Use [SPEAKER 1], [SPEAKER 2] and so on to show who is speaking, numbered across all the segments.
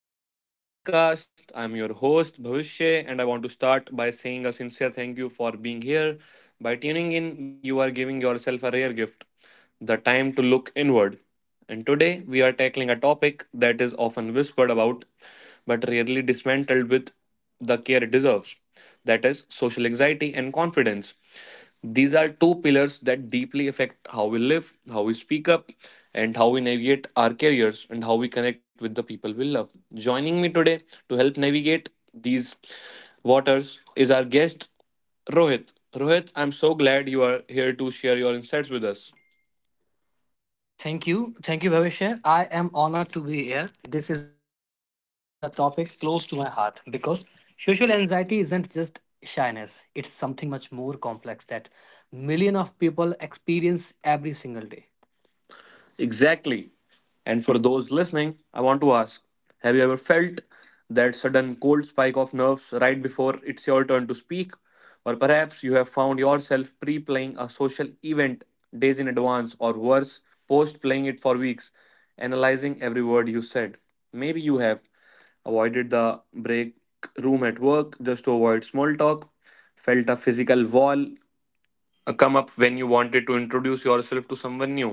[SPEAKER 1] Welcome to today's podcast. I'm your host Bhavishya and I want to start by saying a sincere thank you for being here. By tuning in, you are giving yourself a rare gift, the time to look inward. And today we are tackling a topic that is often whispered about but rarely dismantled with the care it deserves is, social anxiety and confidence. These are two pillars that deeply affect how we live, how we speak up, and how we navigate our careers and how we connect with the people we love. Joining me today to help navigate these waters is our guest, Rohit. Rohit, I'm so glad you are here to share your insights with us. Thank you. Thank you, Bhavishya. I am honored to be here. This is a topic close to my heart because social anxiety isn't just shyness, it's something much more complex that millions of people experience every single day. Exactly. And for those listening, I want to ask, have you ever felt that sudden cold spike of nerves right before it's your turn to speak? Or perhaps you have found yourself pre playing a social event days in advance, or worse, post playing it for weeks, analyzing every word you said. Maybe you have avoided the break room at work just to avoid small talk, felt a physical wall come up when you wanted to introduce yourself to someone new,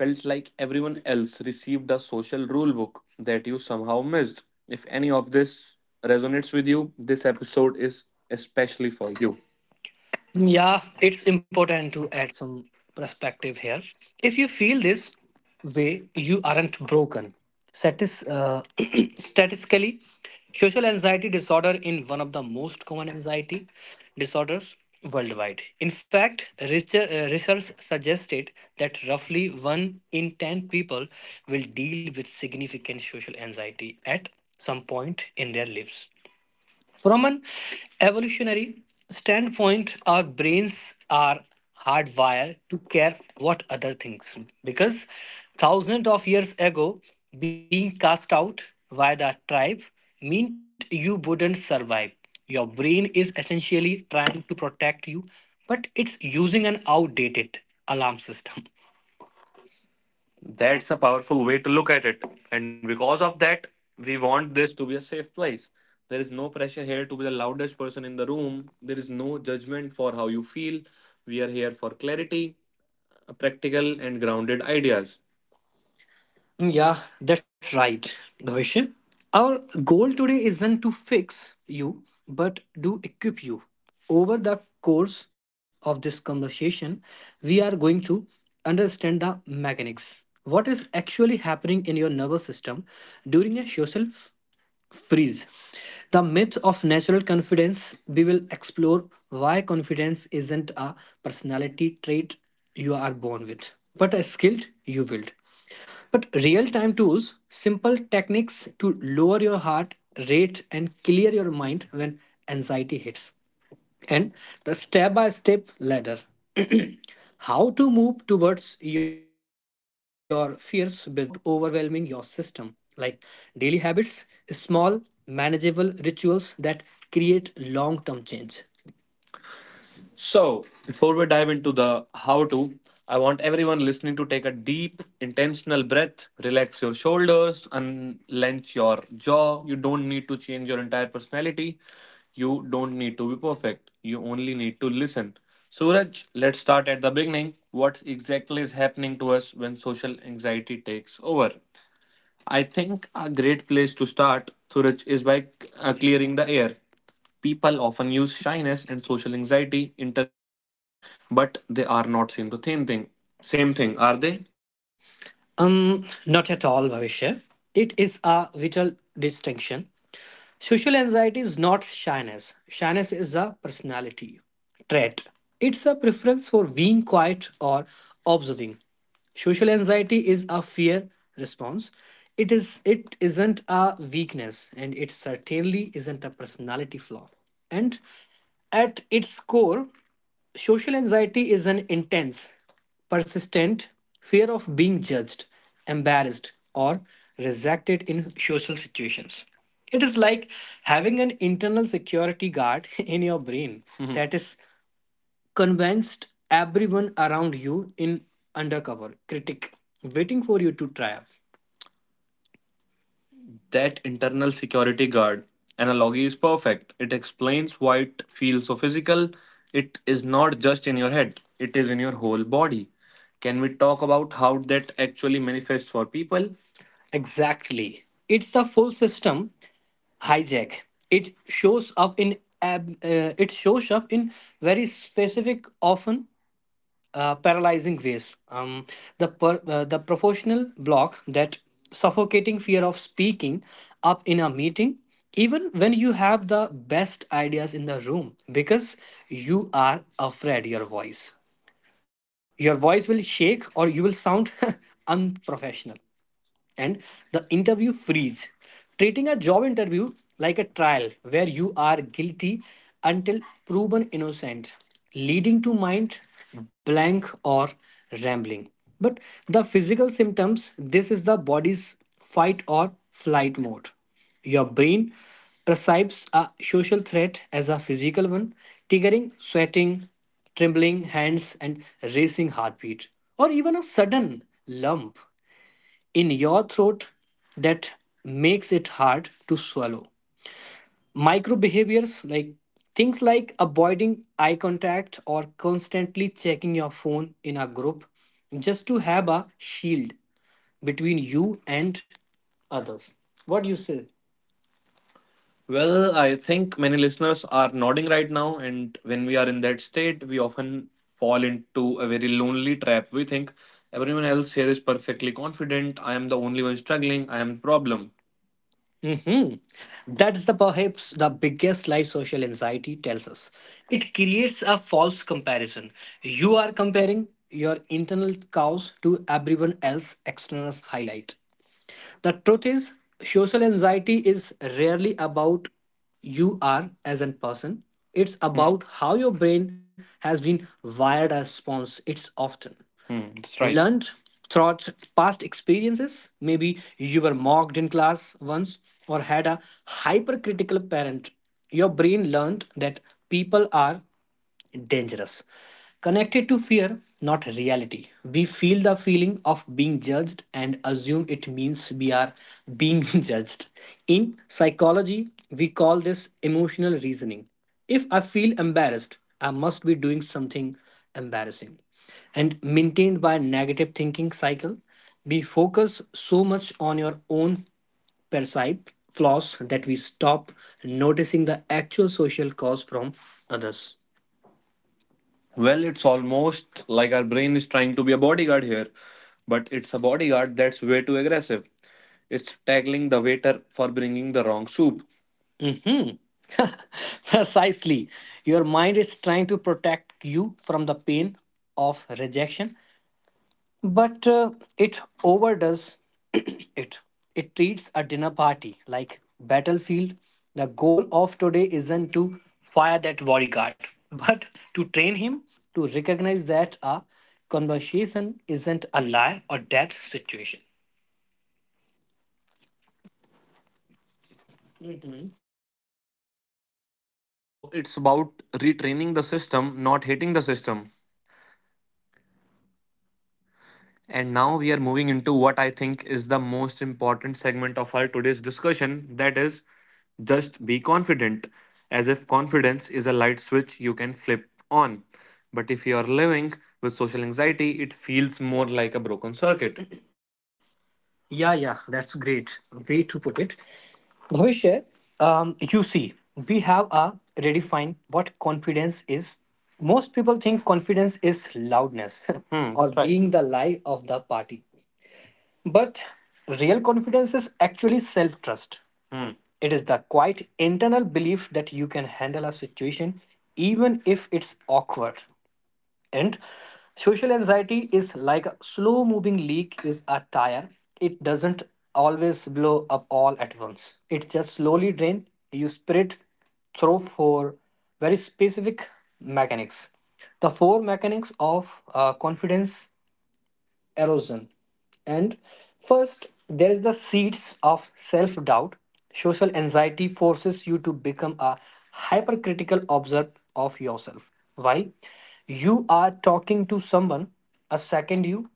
[SPEAKER 1] felt like everyone else received a social rule book that you somehow missed. If any of this resonates with you, this episode is especially for you. Yeah, it's important to add some perspective here. If you feel this way, you aren't broken. Statis, uh, Statistically, social anxiety disorder is one of the most common anxiety disorders worldwide. In fact, research suggested that roughly one in 10 people will deal with significant social anxiety at some point in their lives. From an evolutionary standpoint, our brains are hardwired to care what other thinks because thousands of years ago, being cast out by the tribe meant you wouldn't survive. Your brain is essentially trying to protect you, but it's using an outdated alarm system. That's a powerful way to look at it. And because of that, we want this to be a safe place. There is no pressure here to be the loudest person in the room. There is no judgment for how you feel. We are here for clarity, practical, and grounded ideas. Mm, yeah, that's right, Bhavishya. Our goal today isn't to fix you, but to equip you. Over the course of this conversation, we are going to understand the mechanics. What is actually happening in your nervous system during a social freeze. The myth of natural confidence. We will explore why confidence isn't a personality trait you are born with, but a skill you build. But real time tools, simple techniques to lower your heart rate and clear your mind when anxiety hits, and the step by step ladder how to move towards your fears without overwhelming your system, like daily habits, small manageable rituals that create long term change. So, before we dive into the how to, I want everyone listening to take a deep, intentional breath, relax your shoulders, unlench your jaw. You don't need to change your entire personality. You don't need to be perfect. You only need to listen. Suraj, let's start at the beginning. What exactly is happening to us when social anxiety takes over? I think a great place to start, Suraj, is by clearing the air. People often use shyness and social anxiety interchangeably, but they are not same the same thing. Same thing, are they? Not at all, Bhavishya. It is a vital distinction. Social anxiety is not shyness. Shyness is a personality trait. It's a preference for being quiet or observing. Social anxiety is a fear response. It isn't a weakness and it certainly isn't a personality flaw. And at its core, social anxiety is an intense, persistent fear of being judged, embarrassed, or rejected in social situations. It is like having an internal security guard in your brain. Mhm. That is convinced everyone around you in undercover critic waiting for you to try up that internal security guard analogy is perfect. It explains why it feels so physical. It is not just in your head, it is in your whole body. Can we talk about how that actually manifests for people? Exactly. It's a full system hijack. It shows up in very specific, often paralyzing ways. The professional block, that suffocating fear of speaking up in a meeting, even when you have the best ideas in the room, because you are afraid your voice. Your voice will shake, or you will sound unprofessional, and the interview freeze, treating a job interview like a trial where you are guilty until proven innocent, leading to mind blank or rambling. But the physical symptoms, this is the body's fight or flight mode. Your brain perceives a social threat as a physical one, triggering sweating, trembling hands, and racing heartbeat, or even a sudden lump in your throat that makes it hard to swallow. Micro behaviors, like things like avoiding eye contact or constantly checking your phone in a group just to have a shield between you and others. What do you say? Well, I think many listeners are nodding right now, and when we are in that state, we often fall into a very lonely trap. We think everyone else here is perfectly confident. I am the only one struggling. I am the problem. Hmm. That's the perhaps the biggest life social anxiety tells us. It creates a false comparison. You are comparing your internal chaos to everyone else's external highlight. The truth is, social anxiety is rarely about you are as a person. It's hmm, about how your brain has been wired as response. It's often. Hmm, that's right. Learned throughout past experiences. Maybe you were mocked in class once or had a hypercritical parent. Your brain learned that people are dangerous. Connected to fear, not reality. We feel the feeling of being judged and assume it means we are being judged. In psychology, we call this emotional reasoning. If I feel embarrassed, I must be doing something embarrassing, and maintained by negative thinking cycle. We focus so much on your own perceived flaws that we stop noticing the actual social cause from others. Well, it's almost like our brain is trying to be a bodyguard here, but it's a bodyguard that's way too aggressive. It's tackling the waiter for bringing the wrong soup. Hmm. Precisely. Your mind is trying to protect you from the pain of rejection, but it overdoes it. It treats a dinner party like battlefield. The goal of today isn't to fire that bodyguard, but to train him to recognize that a conversation isn't a lie or death situation. I love that. So it's about retraining the system, not hating the system. And now we are moving into what I think is the most important segment of our today's discussion, that is, just be confident, as if confidence is a light switch you can flip on. But if you are living with social anxiety, it feels more like a broken circuit. Yeah, that's great way to put it. Bhavishya, you see, we have a redefine what confidence is. Most people think confidence is loudness, hmm, or right, being the lie of the party. But real confidence is actually self trust. Hmm. It is the quiet internal belief that you can handle a situation even if it's awkward. And social anxiety is like a slow moving leak is a tire. It doesn't always blow up all at once. It just slowly drain you spirit through for very specific mechanics. The four mechanics of confidence erosion. And first, there is the seeds of self doubt. Social anxiety forces you to become a hypercritical observer of yourself. Why? You are talking to someone, a second you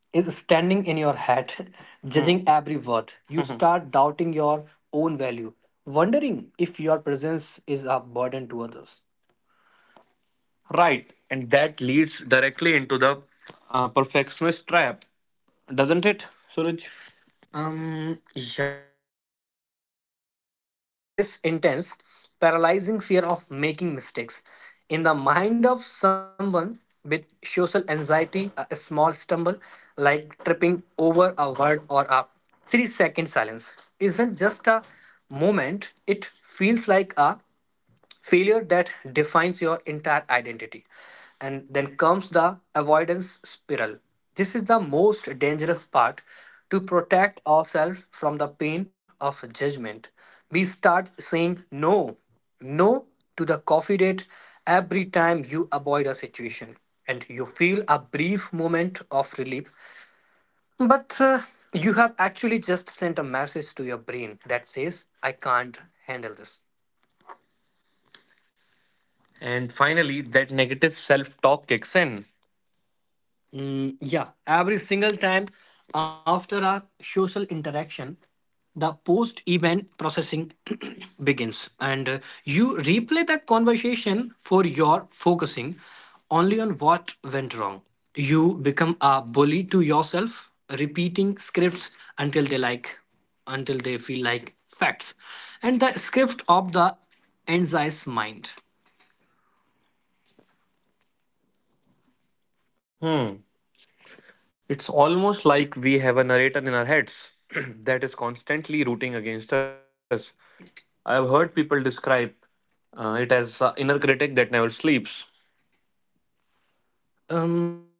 [SPEAKER 1] is standing in your head, judging every word. You. Mhm. Start doubting your own value, wondering if your presence is a burden to others. Right, and that leads directly into the perfectionist trap, doesn't it, Suraj? Yeah, exactly. It creates this intense, paralyzing fear of making mistakes. In the mind of someone with social anxiety, a small stumble like tripping over a word or a 3-second silence isn't just a moment, it feels like a failure that defines your entire identity. And then comes the avoidance spiral. This is the most dangerous part. To protect ourselves from the pain of judgment, we start saying no, no to the coffee date. Every time you avoid a situation and you feel a brief moment of relief, but you have actually just sent a message to your brain that says I can't handle this. And finally, that negative self talk kicks in. Mm, yeah, every single time after a social interaction, the post event processing begins, and you replay the conversation for your focusing only on what went wrong. You become a bully to yourself, repeating scripts until they like until they feel like facts. And the script of the anxious mind. It's almost like we have a narrator in our heads that is constantly rooting against us. I've heard people describe it as an inner critic that never sleeps. Um,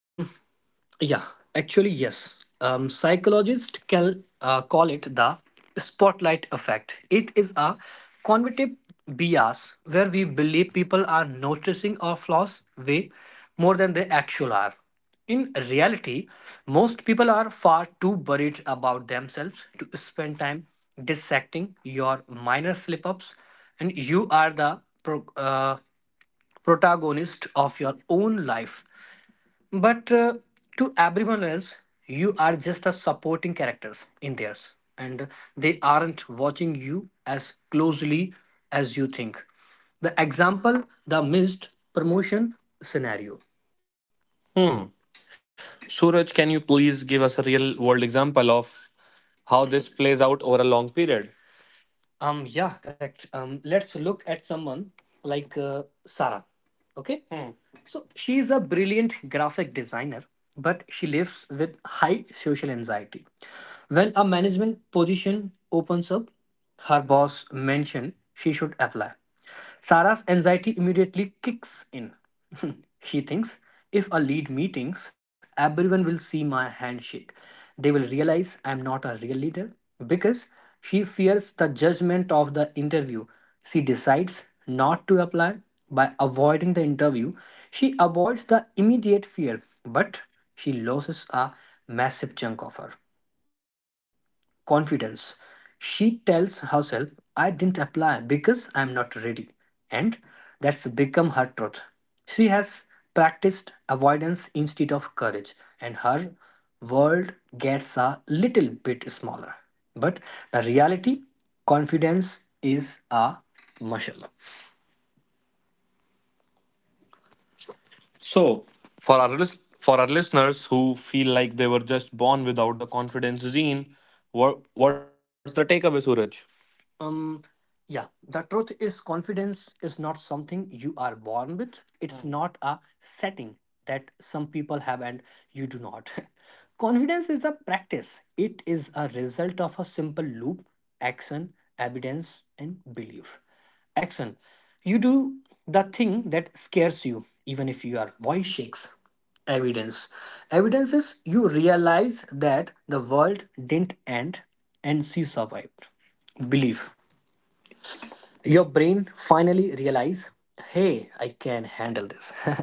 [SPEAKER 1] yeah, actually, yes. Psychologists can call it the spotlight effect. It is a cognitive bias where we believe people are noticing our flaws way more than they actually are. In reality, most people are far too worried about themselves to spend time dissecting your minor slip ups, and you are the pro. Uh, protagonist of your own life. But to everyone else, you are just a supporting characters in theirs, and they aren't watching you as closely as you think. The example, the missed promotion scenario. Hmm. Suraj, can you please give us a real world example of how this plays out over a long period? Yeah, correct. Let's look at someone like Sarah. Okay. Hmm. So she is a brilliant graphic designer, but she lives with social anxiety. When a management position opens up, her boss mentioned she should apply. Sarah's anxiety immediately kicks in. She thinks, if I lead meetings, everyone will see my handshake. They will realize I'm not a real leader because she fears the judgment of the interview. She decides not to apply by avoiding the interview. She avoids the immediate fear, but she loses a massive chunk of her confidence. She tells herself, I didn't apply because I'm not ready. And that's become her truth. She has practiced avoidance instead of courage, and her world gets a little bit smaller. But the reality, confidence is a muscle. So, for our listeners who feel like they were just born without the confidence gene, what's the takeaway, Suraj? Um, yeah, the truth is confidence is not something you are born with. It's not a setting that some people have and you do not. Confidence is a practice, it is a result of a simple loop: action, evidence, and belief. Action, you do the thing that scares you, even if your voice shakes. Evidence evidence is you realize that the world didn't end and she survived. Belief. Your brain finally realize, hey, I can handle this.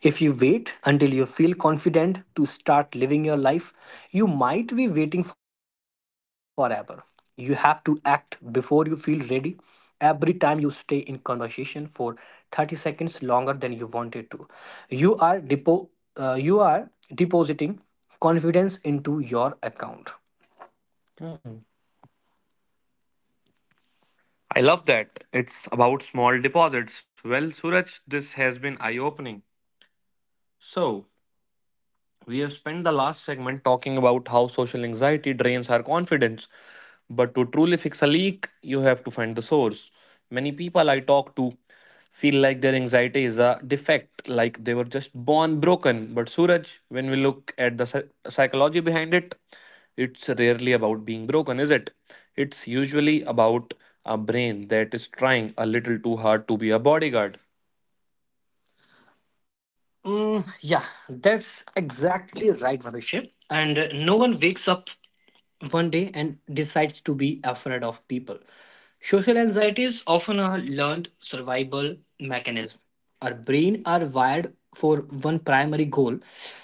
[SPEAKER 1] If you wait until you feel confident to start living your life, you might be waiting forever. You have to act before you feel ready. Every time you stay in conversation for 30 seconds longer than you wanted to, you are you are depositing confidence into your account. I love that. It's about small deposits. Well, Suraj, this has been eye opening. So, we have spent the last segment talking about how social anxiety drains our confidence. But to truly fix a leak, you have to find the source. Many people I talk to feel like their anxiety is a defect, like they were just born broken. But Suraj, when we look at the psychology behind it, it's rarely about being broken, is it? It's usually about a brain that is trying a little too hard to be a bodyguard. Mm, yeah, that's exactly right, Bhavishya. And no one wakes up one day and decides to be afraid of people. Social anxiety is often a learned survival mechanism. Our brain are wired for one primary goal: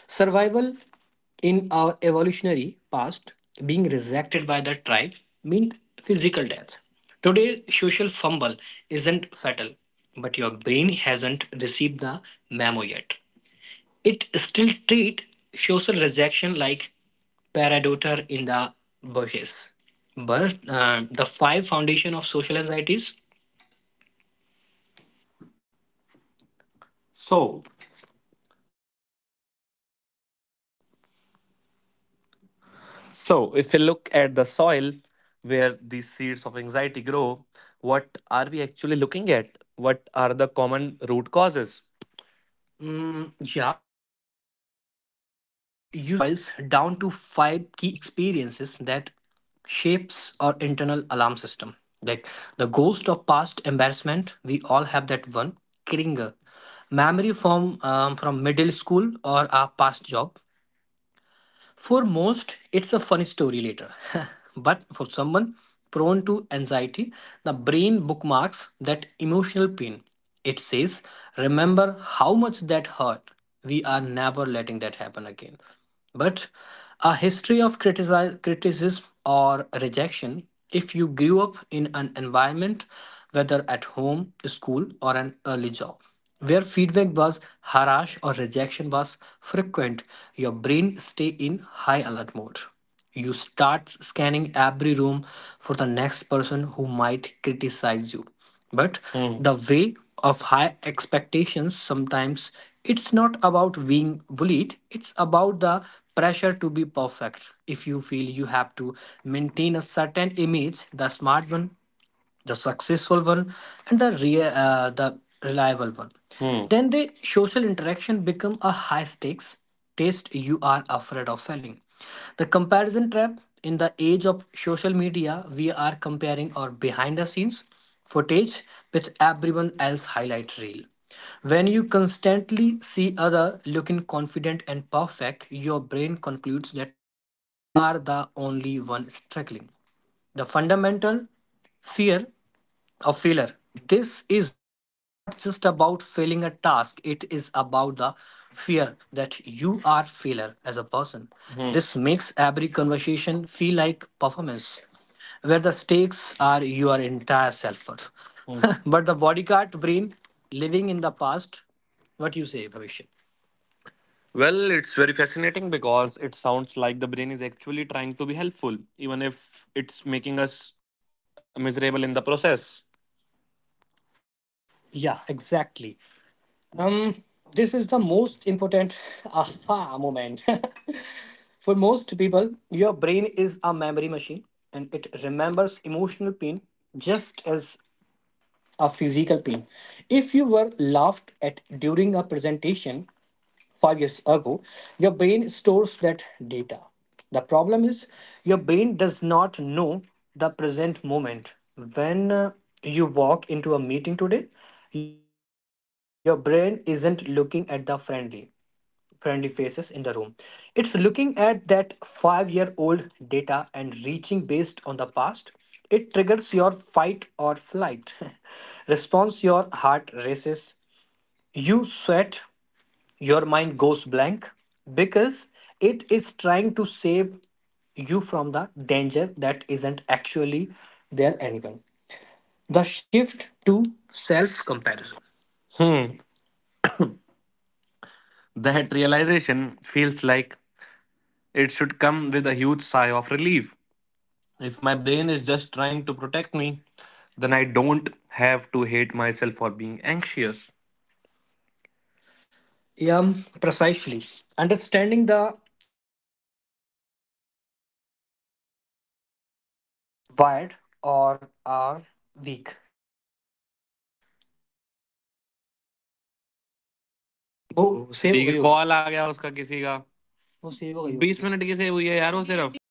[SPEAKER 1] survival. In our evolutionary past, being rejected by the tribe meant physical death. Today, social fumble isn't fatal, but your brain hasn't received the memo yet. It still treats social rejection like paradoter in the bushes. But the five foundation of social anxieties. So, So, if we look at the soil where these seeds of anxiety grow, what are we actually looking at? What are the common root causes? Mm, yeah, it usually boils down to five key experiences that shapes our internal alarm system. Like the ghost of past embarrassment, we all have that one. Kringer, memory from middle school or our past job, for most, it's a funny story later. But for someone prone to anxiety, the brain bookmarks that emotional pain. It says, remember how much that hurt. We are never letting that happen again. But a history of criticism or rejection, if you grew up in an environment, whether at home, school, or an early job, where feedback was harsh or rejection was frequent, your brain stay in high alert mode. You start scanning every room for the next person who might criticize you. But the way of high expectations, sometimes it's not about being bullied, it's about the pressure to be perfect. If you feel you have to maintain a certain image, the smart one, the successful one, and the reliable one. Hmm. Then the social interaction become a high stakes test you are afraid of failing. The comparison trap. In the age of social media, we are comparing our behind the scenes footage with everyone else highlight reel. When you constantly see other looking confident and perfect, your brain concludes that you are the only one struggling. The fundamental fear, a failure. This is not just about failing a task, it is about the fear that you are failure as a person. Hmm. This makes every conversation feel like performance, where the stakes are your entire self. Hmm. But the bodyguard brain living in the past, what you say, Bhavishya? Well, it's very fascinating because it sounds like the brain is actually trying to be helpful, even if it's making us miserable in the process. Yeah, exactly. Um, this is the most important aha moment. For most people, your brain is a memory machine and it remembers emotional pain just as a physical pain. If you were laughed at during a presentation, 5 years ago, your brain stores that data. The problem is your brain does not know the present moment. When you walk into a meeting today, your brain isn't looking at the friendly faces in the room. It's looking at that 5-year-old data and reaching based on the past. It triggers your fight or flight response. Your heart races, you sweat, your mind goes blank because it is trying to save you from the danger that isn't actually there anyway. The shift to self comparison. That realization feels like it should come with a huge sigh of relief. If my brain is just trying to protect me, then I don't have to hate myself for being anxious. Yeah, precisely. Understanding the
[SPEAKER 2] Tired or are weak.
[SPEAKER 1] वो save हो ठीक है गई होगी call आ गया उसका किसी का वो सेव हो गई होगी बीस मिनट की सेव हुई है यार वो सिर्फ